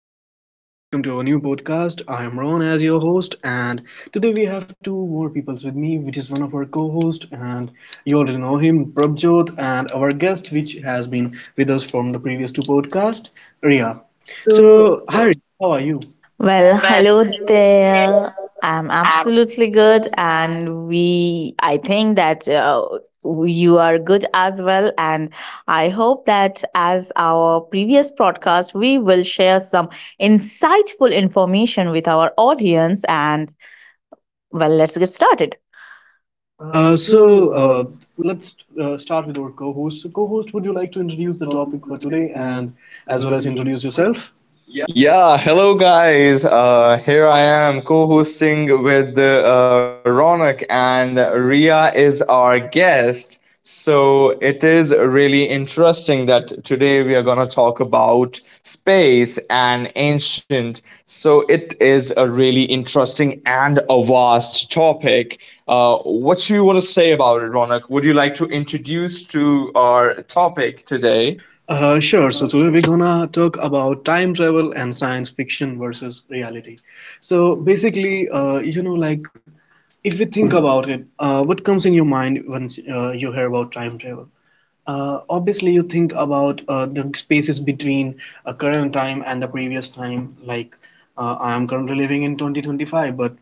So, hello everyone, welcome to our new podcast. I am Ron as your host, and today we have two more people with me, which is one of our co hosts, and you already know him, Prabjot, and our guest, which has been with us from the previous two podcasts, Ria. So, So, hi, Ria, how are you? Well, Well, hello there. I'm I'm absolutely good, good and and I think that you are good as well. And I hope that as our previous podcast, we will share some insightful information with our audience. And well, let's get started. uh, Uh, so so, uh, uh, let's start with our co host. So, co host, would you like to introduce the The topic for topic for today today and and as well as as well as introduce introduce yourself? yourself. Yeah, hello guys. Here I am co-hosting with Ronak, and Ria is our guest. So it is really interesting that today we are gonna talk about space and ancient. So it is a really interesting and a vast topic. Uh, what you want to say about it, Ronak? Would you like to introduce to our topic today? Sure. So today we're gonna talk about time travel and science fiction versus reality. So basically, you know, like if we think about it, what comes in your mind when you hear about time travel? Obviously, you think about the spaces between a current time and the previous time. Like I am currently living in 2025, but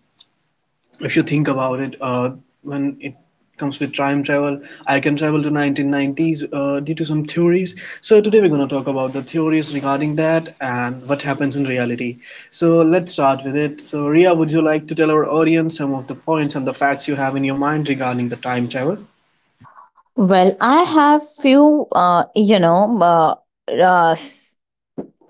if you think about it, when it comes with time travel, I can travel to 1990s due to some theories. So today we're going to talk about the theories regarding that and what happens in reality. So let's start with it. So Ria, would you like to tell our audience some of the points and the facts you have in your mind regarding the time travel? Well, I have few, uh,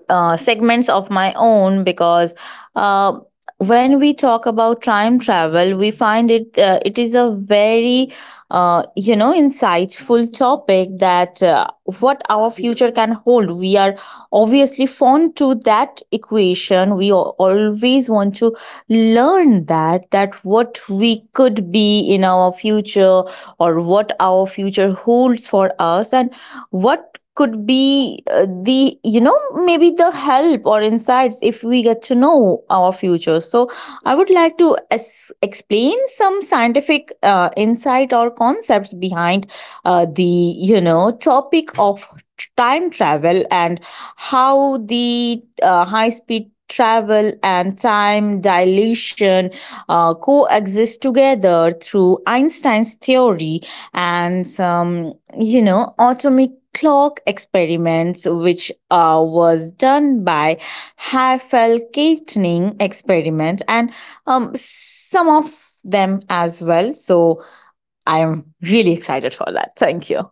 segments of my own because uh, when we talk about time travel we find it it is a very insightful topic that what our future can hold. We are obviously fond to that equation. We always want to learn that what we could be in our future or what our future holds for us, and what could be the you know maybe the help or insights if we get to know our future. So I would like to explain some scientific insight or concepts behind the you know topic of time travel, and how the high speed travel and time dilation coexist together through Einstein's theory, and some atomic clock experiments which was done by Hafele Keating experiment and some of them as well. So I am really excited for that. Thank you.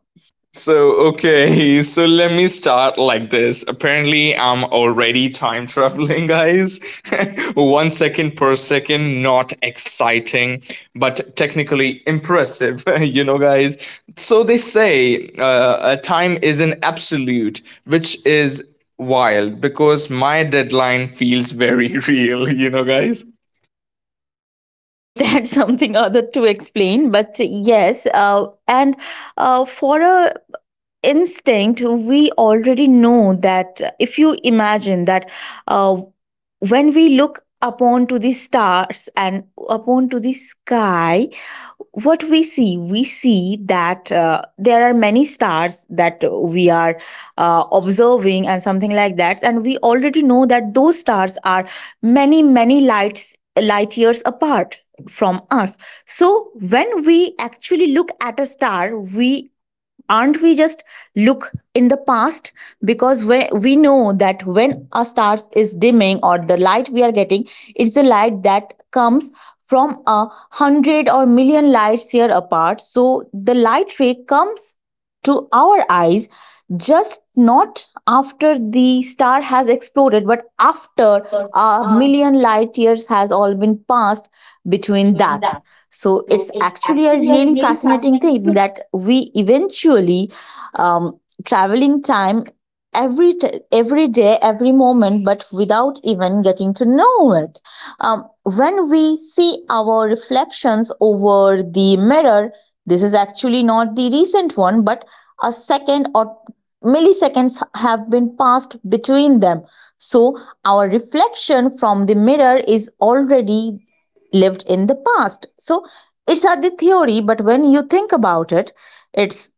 Okay, so let me start like this. Apparently, I'm already time traveling, guys. 1 second per second, not exciting, but technically impressive, you know, guys. So they say time is an absolute, which is wild because my deadline feels very real, you know, guys. Well, that's something other to explain, but yes and for a instinct, we already know that if you imagine that uh, when we look upon to the stars and upon to the sky, what we see, we see that there are many stars that we are observing and something like that. And we already know that those stars are many many light years apart from us. So when we actually look at a star, we aren't we just look in the past? Because we know that when a star is dimming, or the light we are getting, it's the light that comes from a hundred or million lights year apart. So the light ray comes to our eyes just not after the star has exploded, but after a million light years has all been passed between that. So it's actually a really fascinating thing that we eventually, um, traveling time every every day, every moment, but without even getting to know it. When we see our reflections over the mirror, this is actually not the recent one, but a second or milliseconds have been passed between them. So our reflection from the mirror is already lived in the past. So it's at the theory, but when you think about it, it's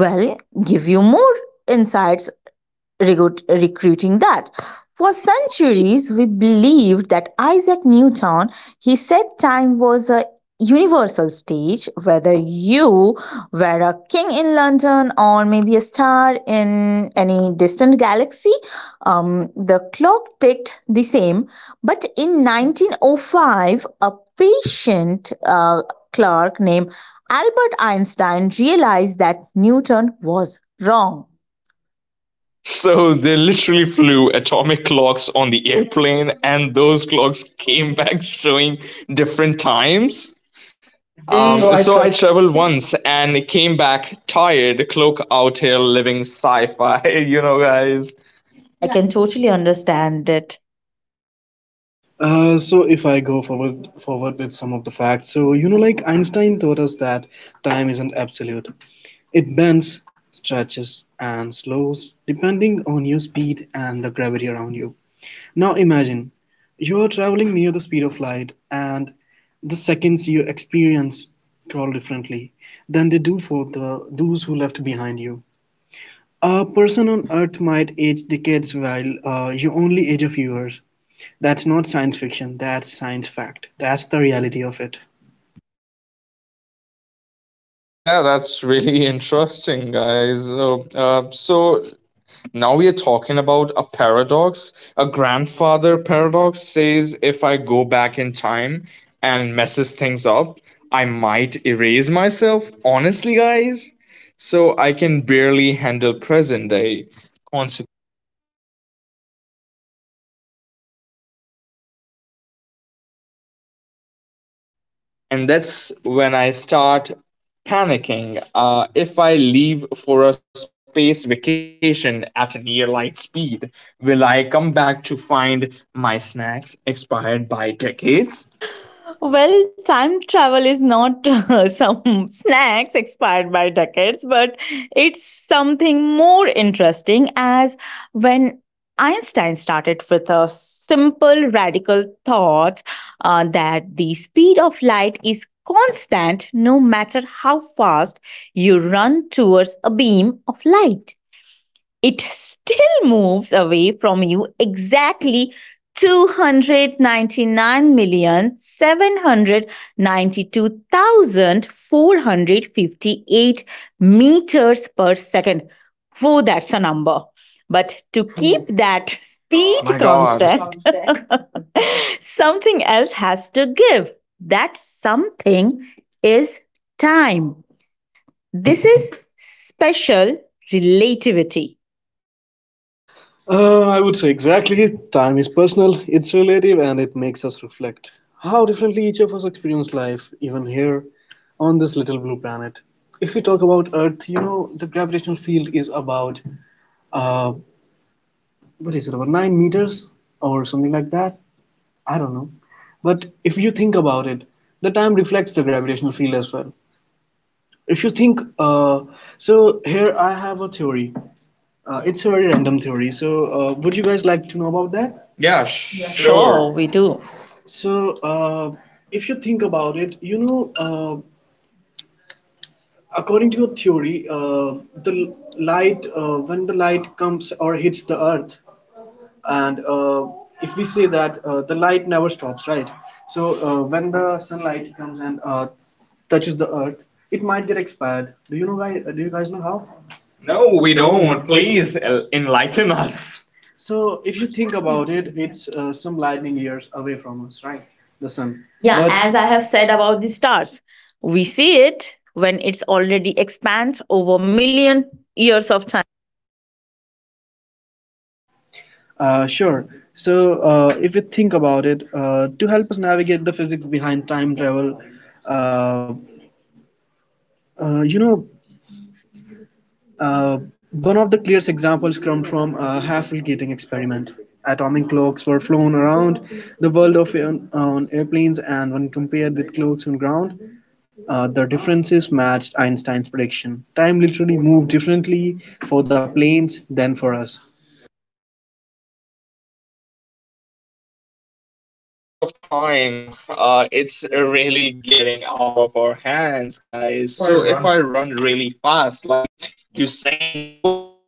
well, give you more insights recruiting that. For centuries, we believed that Isaac Newton, he said time was a universal stage, whether you were a king in London or maybe a star in any distant galaxy, the clock ticked the same. But in 1905, a patient clerk named Albert Einstein realized that Newton was wrong. So they literally flew atomic clocks on the airplane, and those clocks came back showing different times. Uh, Well, uh, so I So I ch- traveled once and came back tired, cloak out here living sci fi, you know, guys. Yeah, I I can can totally totally understand. understand it. So if I go forward with some of the facts, so you know, like Einstein taught us that time isn't absolute. It bends, stretches, and slows depending on your speed and the gravity around you. Now imagine you are traveling near the speed of light, and the seconds you experience crawl differently than they do for the those who left behind you. A person on Earth might age decades while you only age a few years. That's not science fiction, that's science fact. That's the reality of it. Yeah, that's really interesting, guys. So now we are talking about a paradox. A grandfather paradox says if I go back in time and messes things up, I might erase myself. Honestly, guys, so I can barely handle present day consequences. And that's when I start panicking. If I leave for a space vacation at near light speed, will I come back to find my snacks expired by decades? Well, time travel is not some snacks expired by decades, but it's something more interesting as when Einstein started with a simple radical thought that the speed of light is constant, no matter how fast you run towards a beam of light. It still moves away from you exactly 299,792,458 meters per second. Whoa, that's a number. But to keep Oof, that that my speed god. constant, something else has to give. That something is time. This is special relativity. I would say exactly. Time is personal, it's relative, and it makes us reflect how differently each of us experience life, even here on this little blue planet. If we talk about Earth, you know, the gravitational field is about, uh, what is it, about 9 meters or something like that? I don't know. But if you think about it, the time reflects the gravitational field as well if you think so here I have a theory, it's a very random theory, so would you guys like to know about that? Yeah, Yeah, sure, sure. we do. So uh, if you think about it, you know, uh, according to your theory, the l- light, when the light comes or hits the earth, and if we say that the light never stops, right? So when the sunlight comes and touches the earth, it might get expired. Do you know guys, do you guys know how? No, No, we we don't. don't. Please. Please enlighten us. So if you think about it, it's some lightning years away from us, right? The sun. Yeah, Yeah, but as as I I have have said said about about the the. stars, we see it when it's already expands over million years of time. Sure. So, if you think about it, to help us navigate the physics behind time travel, uh, uh, you know, one of the clearest examples comes from a Hafele-Keating experiment. Atomic clocks were flown around the world on airplanes, and when compared with clocks on ground, the differences matched Einstein's prediction. Time literally moved differently for the planes than for us. Time. There is a lot of time. It's really getting out of our hands, If guys. I So run if I run really fast, like Usain Bolt,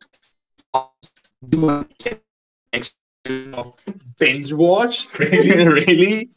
fast, do I get extra years of binge watch? really. Really?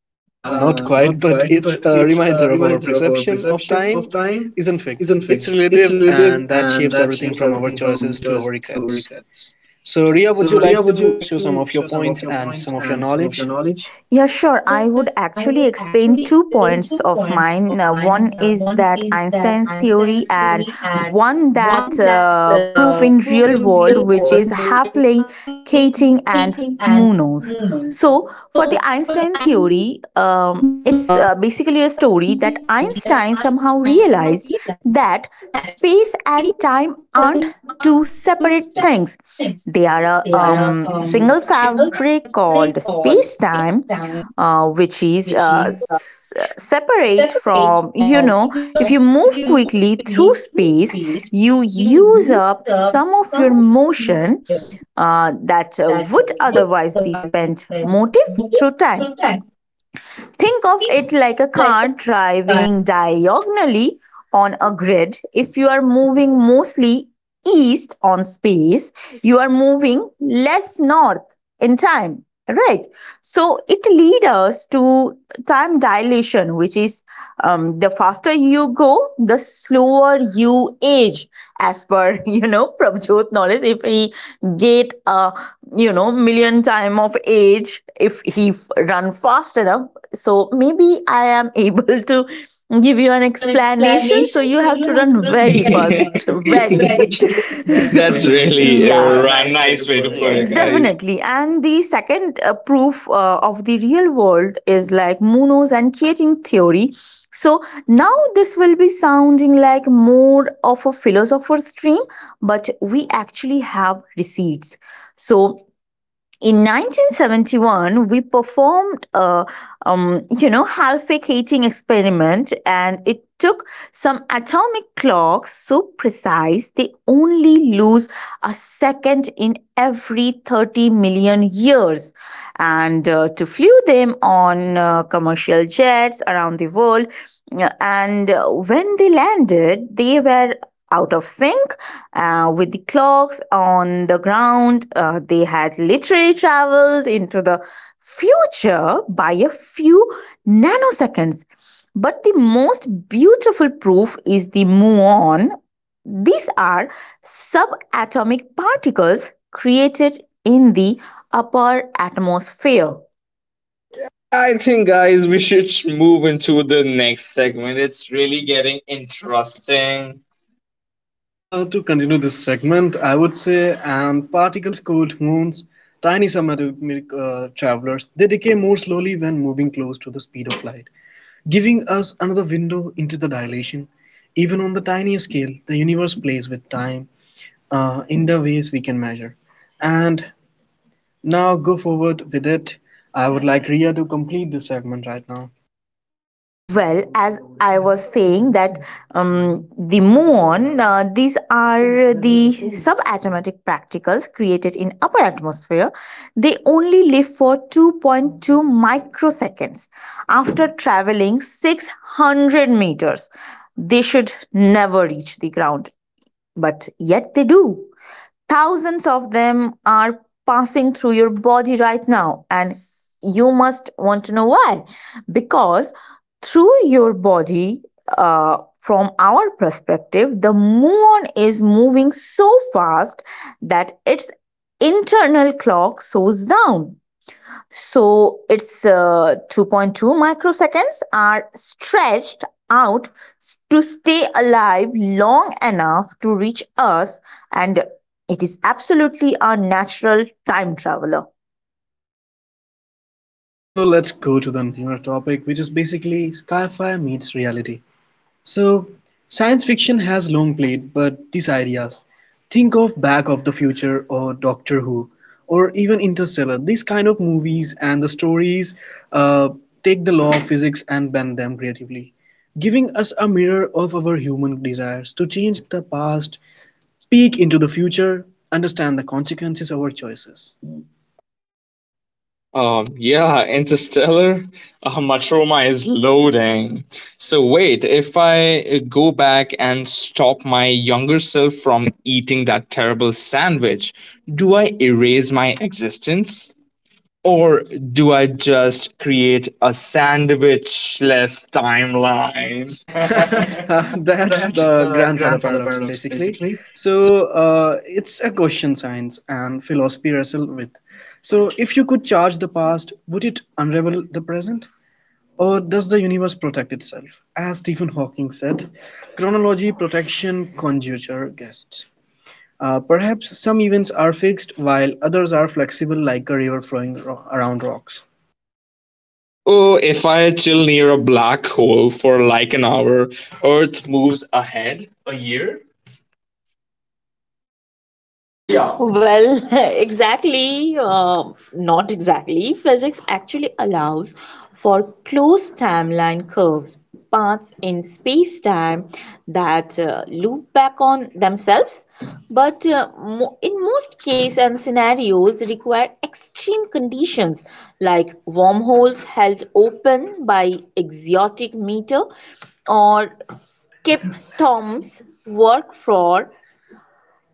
Not quite, Not but quite, it's but a it's a reminder of our reminder of our perception of perception of time time isn't fixed. isn't It's fixed. It's relative, relative, and that and shapes that everything shapes from our everything from our choices to our choices to our regrets. regrets. So, Ria, would So, you Ria, like would you to like show to some of show your some of points your and points some of your and some of your knowledge? knowledge? Yeah, sure. I would actually explain two points of mine. One is that Einstein's theory, and one that proof in real world, which is Havley, Keating, and Munoz. So, for the Einstein theory, it's basically a story that Einstein somehow realized that space and time aren't two separate things. They are a There are single you don't have a fabric called outbreak space called space time, time. uh, which is uh, s- separate from, you know, if you move quickly through space, you use up some of your motion that would otherwise be spent motive through time. Think of it like a car driving diagonally on a grid. If you are moving mostly east on space, you are moving less north in time. Right. So it leads us to time dilation, which is the faster you go, the slower you age. As per, you know, Prabhjot knowledge, if he get a, you know, million time of age, if he run fast enough, so maybe I am able to give you an Give you an explanation. So explanation, you so have you to have to run very run. fast, very. That's That's that's very really a yeah, a nice way to nice put way to it. put Yeah, it, right? guys. Definitely. And the second proof of the real world is like Munoz and Keating theory. So now this will be sounding like more of a philosopher's dream, but we actually have receipts. So in 1971 we performed a half-wake heating experiment, and it took some atomic clocks so precise they only lose a second in every 30 million years, and to flew them on commercial jets around the world. And When they landed they were out of sync with the clocks on the ground. They had literally traveled into the future by a few nanoseconds. But the most beautiful proof is the muon. These are subatomic particles created in the upper atmosphere. Yeah, I think, guys, we should move into the next segment. It's really getting interesting. To continue this segment, I would say, and particles called moons, tiny subatomic travelers, they decay more slowly when moving close to the speed of light, giving us another window into the dilation. Even on the tiniest scale, the universe plays with time in the ways we can measure. And now go forward with it. I would like Ria to complete this segment right now. Well, as I was saying that um, the muon, these are the subatomic particles created in upper atmosphere. They only live for 2.2 microseconds. After traveling 600 meters, they should never reach the ground, but yet they do. Thousands of them are passing through your body right now, and you must want to know why. Because through your body, from our perspective, the moon is moving so fast that its internal clock slows down. So it's 2.2 microseconds are stretched out to stay alive long enough to reach us, and it is absolutely a natural time traveler. So let's go to the newer topic, which is basically sci-fi meets reality. So science fiction has long played, but these ideas, think of Back of the Future or Doctor Who, or even Interstellar. These kind of movies and the stories uh, take the law of physics and bend them creatively, giving us a mirror of our human desires to change the past, peek into the future, understand the consequences of our choices. Yeah, Interstellar, my trauma is loading. So, wait, if I go back and stop my younger self from eating that terrible sandwich, do I erase my existence? Or do I just create a sandwich-less timeline? That's the That's the grandfather grandfather paradox, paradox, basically. basically. So it's a question science and philosophy wrestle with. So if you could charge the past, would it unravel the present? Or does the universe protect itself? As Stephen Hawking said, chronology, protection, conjecture, guests. Perhaps some events are fixed while others are flexible like a river flowing around rocks. Oh, if I chill near a black hole for like an hour, Earth moves ahead a year? Ria, well, exactly, not exactly. Physics actually allows for closed timeline curves, paths in space-time that loop back on themselves, but mo in most cases and scenarios require extreme conditions like wormholes held open by exotic matter or Kip Thom's work for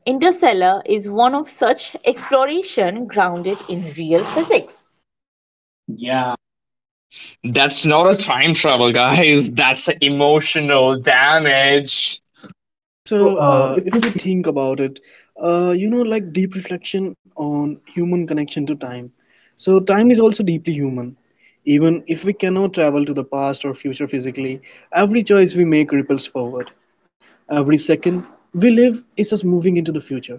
Interstellar is one of such exploration grounded in real physics. Ah, that's not a time travel, guys. That's emotional damage. So, So, if if we we think about it, you know, like deep reflection on human connection to time. So, time is also deeply human. Even if we cannot travel to the past or future physically, every choice we make ripples forward. Every second we live is us moving into the future.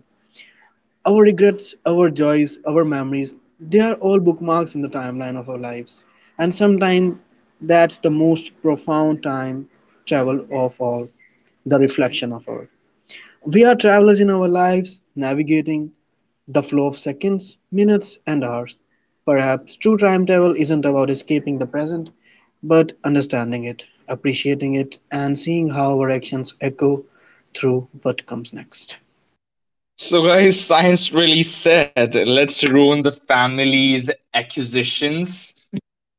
Our regrets, our joys, our memories, they are all bookmarks in the timeline of our lives. And sometimes that's the most profound time travel of all, the reflection of all. We are travelers in our lives, navigating the flow of seconds, minutes, and hours. Perhaps true time travel isn't about escaping the present, but understanding it, appreciating it, and seeing how our actions echo through what comes next. So, guys, science really said, let's ruin the family's acquisitions.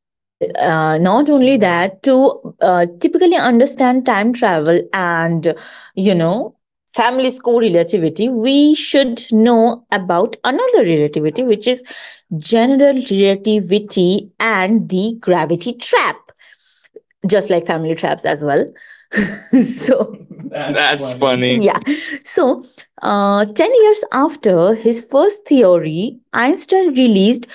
Well, not only that, to typically understand time travel and, you know, family's core relativity, we should know about another relativity, which is general relativity and the gravity trap, just like family traps as well. So that's That's funny. funny. Yeah. So 10 years after his first theory, Einstein released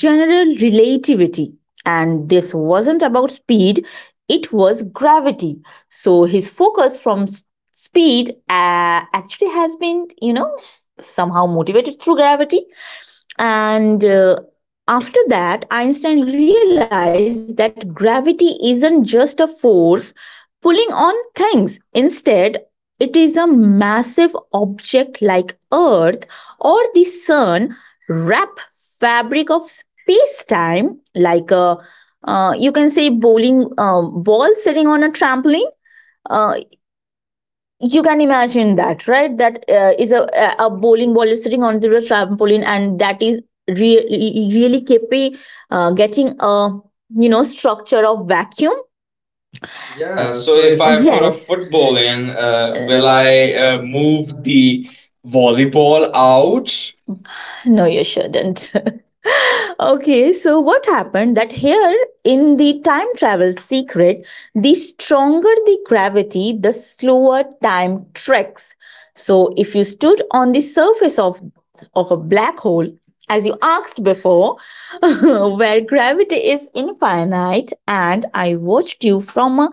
general relativity, and this wasn't about speed, it was gravity. So his focus from speed actually has been, you know, somehow motivated through gravity. And after that, Einstein realized that gravity isn't just a force pulling on things. Instead, it is a massive object like Earth or the Sun wrap fabric of space time like a, you can say bowling ball sitting on a trampoline. Uh, you can imagine that, right? That is a bowling ball is sitting on the trampoline, and that is really keeping getting a, you know, structure of vacuum. Yeah, Yeah, so so if if I I put a put a yes football football in, in, will will I I move move the the volleyball volleyball out? out? No, you shouldn't. Okay, so what happened that here in the time travel secret, the stronger the gravity, the slower time treks. So if you stood on the surface of a black hole, as you asked before, where gravity is infinite, and I watched you from a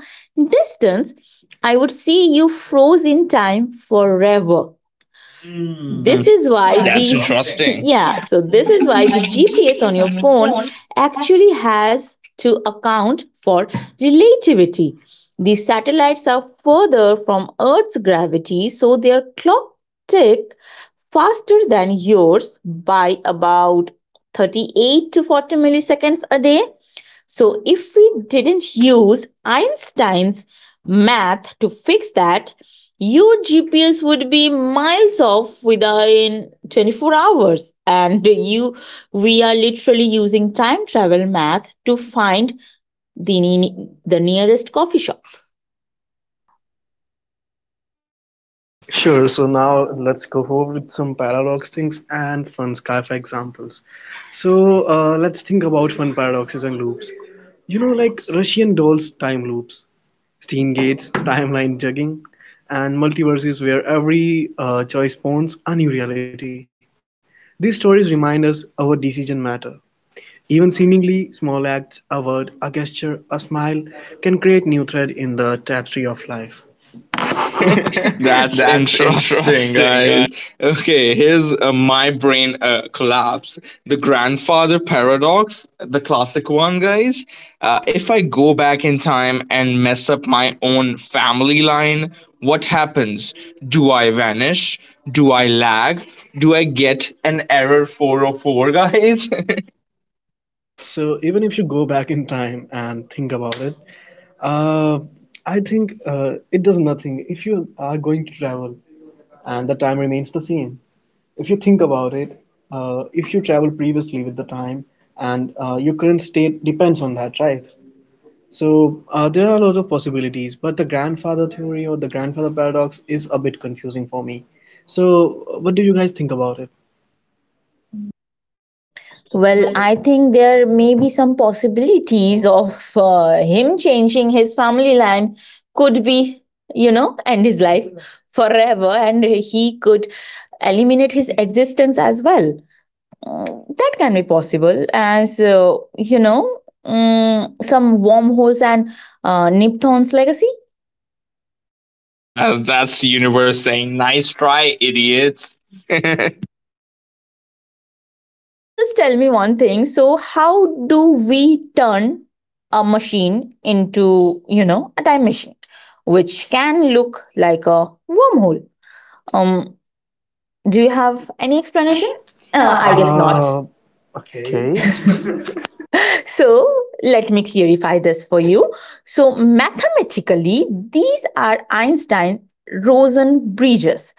distance, I would see you froze in time forever. Mm. Hmm. This is why that's the That's exhausting. interesting. Yeah, so this is why the GPS on your phone actually has to account for relativity. The satellites are further from Earth's gravity, so their clock tick faster than yours by about 38 to 40 milliseconds a day. So, if we didn't use Einstein's math to fix that, your GPS would be miles off within 24 hours. And you, we are literally using time travel math to find the nearest coffee shop. Sure. So now let's go over with some paradox things and fun sci-fi examples. So let's think about fun paradoxes and loops. You know, like Russian dolls time loops, Stein gates, timeline jugging, and multiverses where every choice spawns a new reality. These stories remind us our decision matter. Even seemingly small acts, a word, a gesture, a smile can create new thread in the tapestry of life. That's That's interesting, interesting. guys. Okay, here's my brain collapse. The grandfather paradox, the classic one, guys. If I go back in time and mess up my own family line, what happens? Do I vanish? Do I lag? Do I get an error 404, guys? So even if you go back in time and think about it, uh, I think it does nothing. If you are going to travel and the time remains the same, if you think about it, if you travel previously with the time and your current state depends on that, right? So there are a lot of possibilities, but the grandfather theory or the grandfather paradox is a bit confusing for me. So what do you guys think about it? Well, I think there may be some possibilities of him changing his family line, could be, you know, end his life forever, and he could eliminate his existence as well. Mm, that can be possible as some wormholes and Nipton's legacy. Yeah, that's the universe saying, nice try, idiots. Just tell me one thing. So, how do we turn a machine into, you know, a time machine, which can look like a wormhole? Um, do you have any explanation? I I guess guess not. not. Okay. Okay. So let me clarify this for you. So mathematically, these are Einstein Rosen bridges.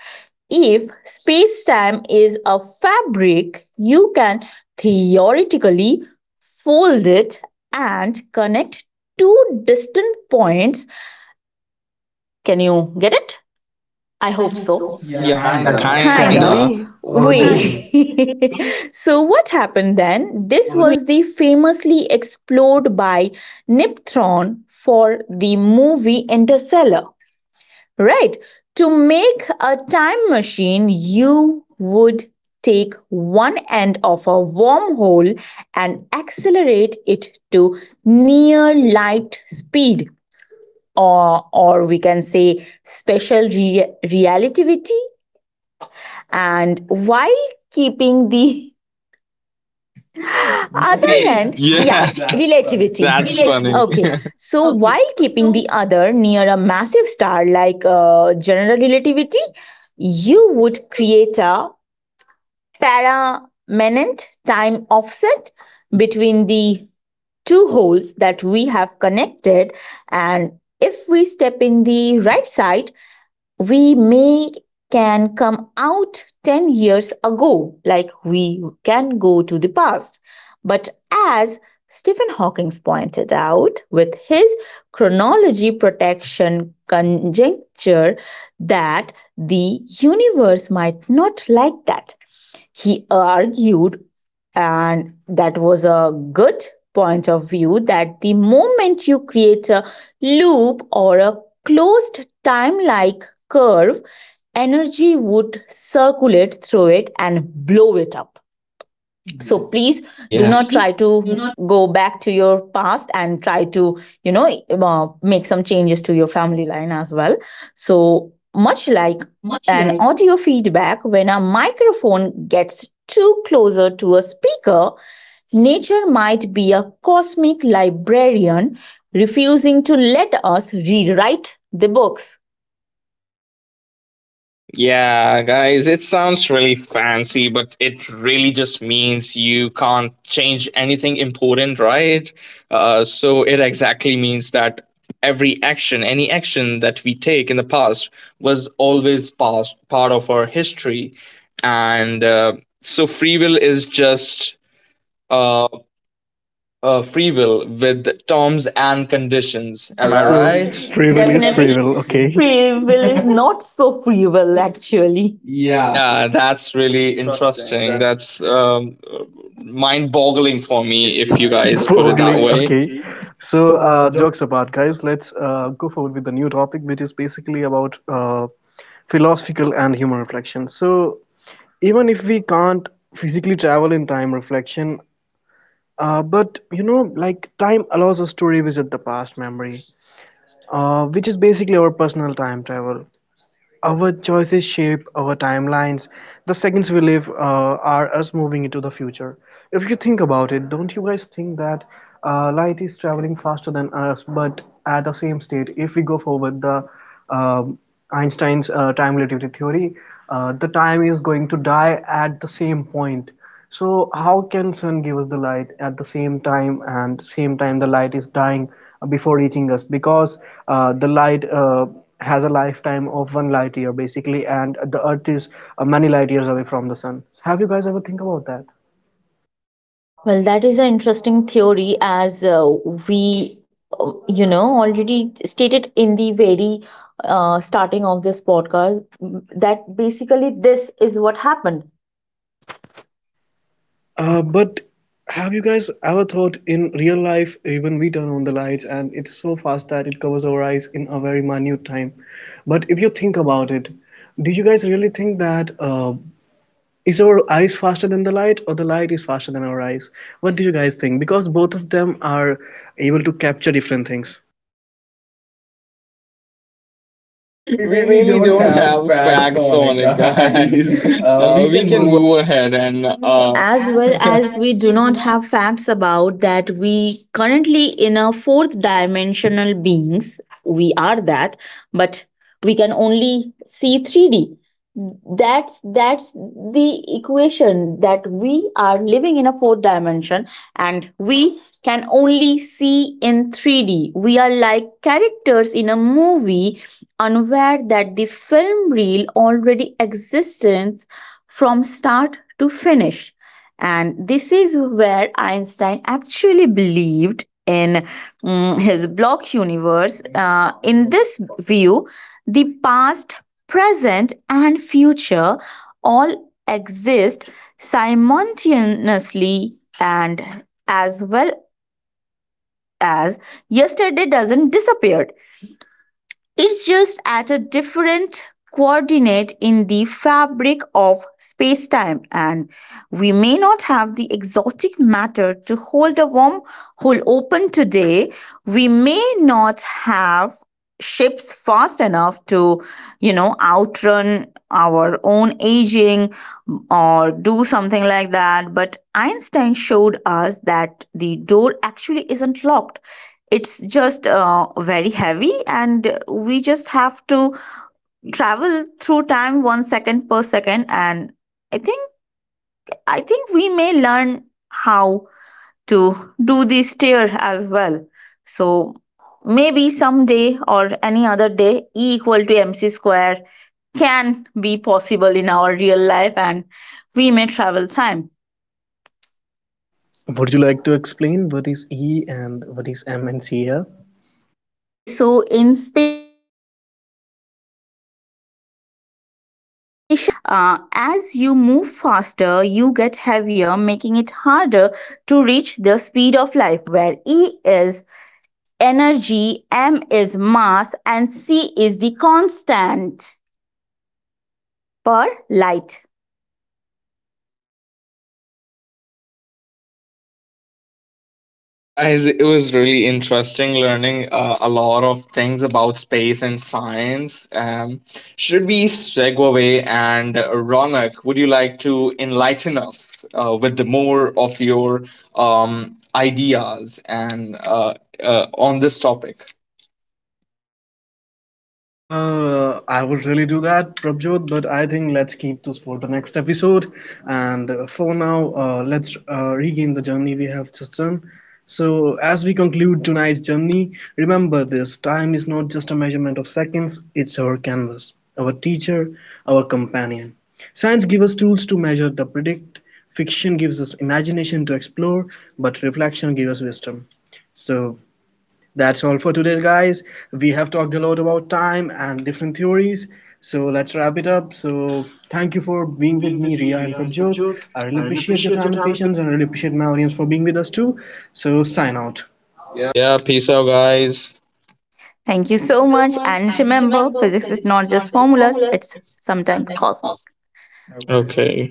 If space time is a fabric, you can theoretically fold it and connect two distant points. Can you get it? I I hope hope so. so. Yeah, Yeah, Yeah, kinda. kinda. kinda. Kind Can kinda. of. We? Or do we? We. We. So, what happened then? This was the famously explored by Niptron for the movie Interstellar, right? To make a time machine, you would take one end of a wormhole and accelerate it to near light speed, or we can say special relativity and while keeping the other hand. Yeah, Yeah, that's that's relativity. funny. Okay, so while keeping the other near a massive star like general relativity, you would create a permanent time offset between the two holes that we have connected. And if we step in the right side, we may can come out 10 years ago, like we can go to the past. But as Stephen Hawking pointed out with his chronology protection conjecture, that the universe might not like that. He argued, and that was a good point of view, that the moment you create a loop or a closed time like curve, energy would circulate through it and blow it up. So please Yeah. do not try to go back to your past and try to make some changes to your family line as well. So much like an audio feedback when a microphone gets too closer to a speaker, nature might be a cosmic librarian refusing to let us rewrite the books. Yeah, guys, it sounds really fancy, but it really just means you can't change anything important, right? So it exactly means that every action, any action that we take in the past, was always past, part of our history. And so free will is just uh, free will with terms and conditions. Am I Am I right? So, right? Free free will is definitely free free will, will, okay? okay? Free will is not so free will, actually. Yeah. Yeah, that's really Interesting. interesting. That's That's mind boggling for for me me, if you if you guys. guys put it that Boggling, way. okay. So, So uh, jokes apart, guys, let's go forward with the new topic, which is basically about philosophical and human reflection. So, even if we can't physically travel in time reflection, but you know, like time allows us to revisit the past memory, which is basically our personal time travel. Our choices shape our timelines. The seconds we live are us moving into the future. If you think about it, don't you guys think that light is traveling faster than us, but at the same state? If we go forward, the um, Einstein's time relativity theory, the time is going to die at the same point. So how can sun give us the light at the same time and same time the light is dying before reaching us because the light has a lifetime of one light year basically and the earth is many light years away from the sun. Have you guys ever think about that? Well, that is an interesting theory, as we already stated in the very starting of this podcast that basically this is what happened. But have you guys ever thought in real life, even we turn on the lights and it's so fast that it covers our eyes in a very minute time? But if you think about it, do you guys really think that is our eyes faster than the light or the light is faster than our eyes? What do you guys think, because both of them are able to capture different things? We We really really don't don't have have facts facts on on it, it, guys. guys. We we can can move. move ahead and. No, as well as we do not have facts about that, we currently in a fourth dimensional beings, we are that, but we can only see 3D. That's the equation that we are living in a fourth dimension and we can only see in 3D. We are like characters in a movie unaware that the film reel already exists from start to finish. And this is where Einstein actually believed in his block universe. In this view, the past, present, and future all exist simultaneously, and as well as yesterday doesn't disappear, it's just at a different coordinate in the fabric of space-time, and we may not have the exotic matter to hold a wormhole open today. We may not have ships fast enough to outrun our own aging or do something like that. But Einstein showed us that the door actually isn't locked, it's just very heavy, and we just have to travel through time 1 second per second. And i think I think we may learn how to do the stair as well. So maybe someday or any other day, e equal to mc square can be possible in our real life, and we may travel time. Would you like to explain what is E and what is M and C here? Okay, so in special relativity, E actually explains that as you move faster, you get heavier, making it harder to reach the speed of light, where E is energy, M is mass, and C is the constant per light. Guys, it was really interesting learning a lot of things about space and science. Should we segue away and Ronak, would you like to enlighten us with the more of your ideas and on this topic? I would really do that, Prabjot, but I think let's keep this for the next episode. And for now, let's regain the journey we have just done. So, as we conclude tonight's journey, remember this time is not just a measurement of seconds, it's our canvas, our teacher, our companion. Science gives us tools to measure, the predict, fiction gives us imagination to explore, but reflection gives us wisdom. So, that's all for today, guys. We have talked a lot about time and different theories. So let's wrap it up. So thank you for For being with being with me, me, Ria and Ria and Prabjot. Habjot. I really I really appreciate your appreciate your time and time. patience, and I really appreciate my audience for being with us too. So sign out. Yeah, Yeah, peace out, guys. Thank you so much. And remember, physics is not just formulas, it's sometimes cosmos. Okay. Okay.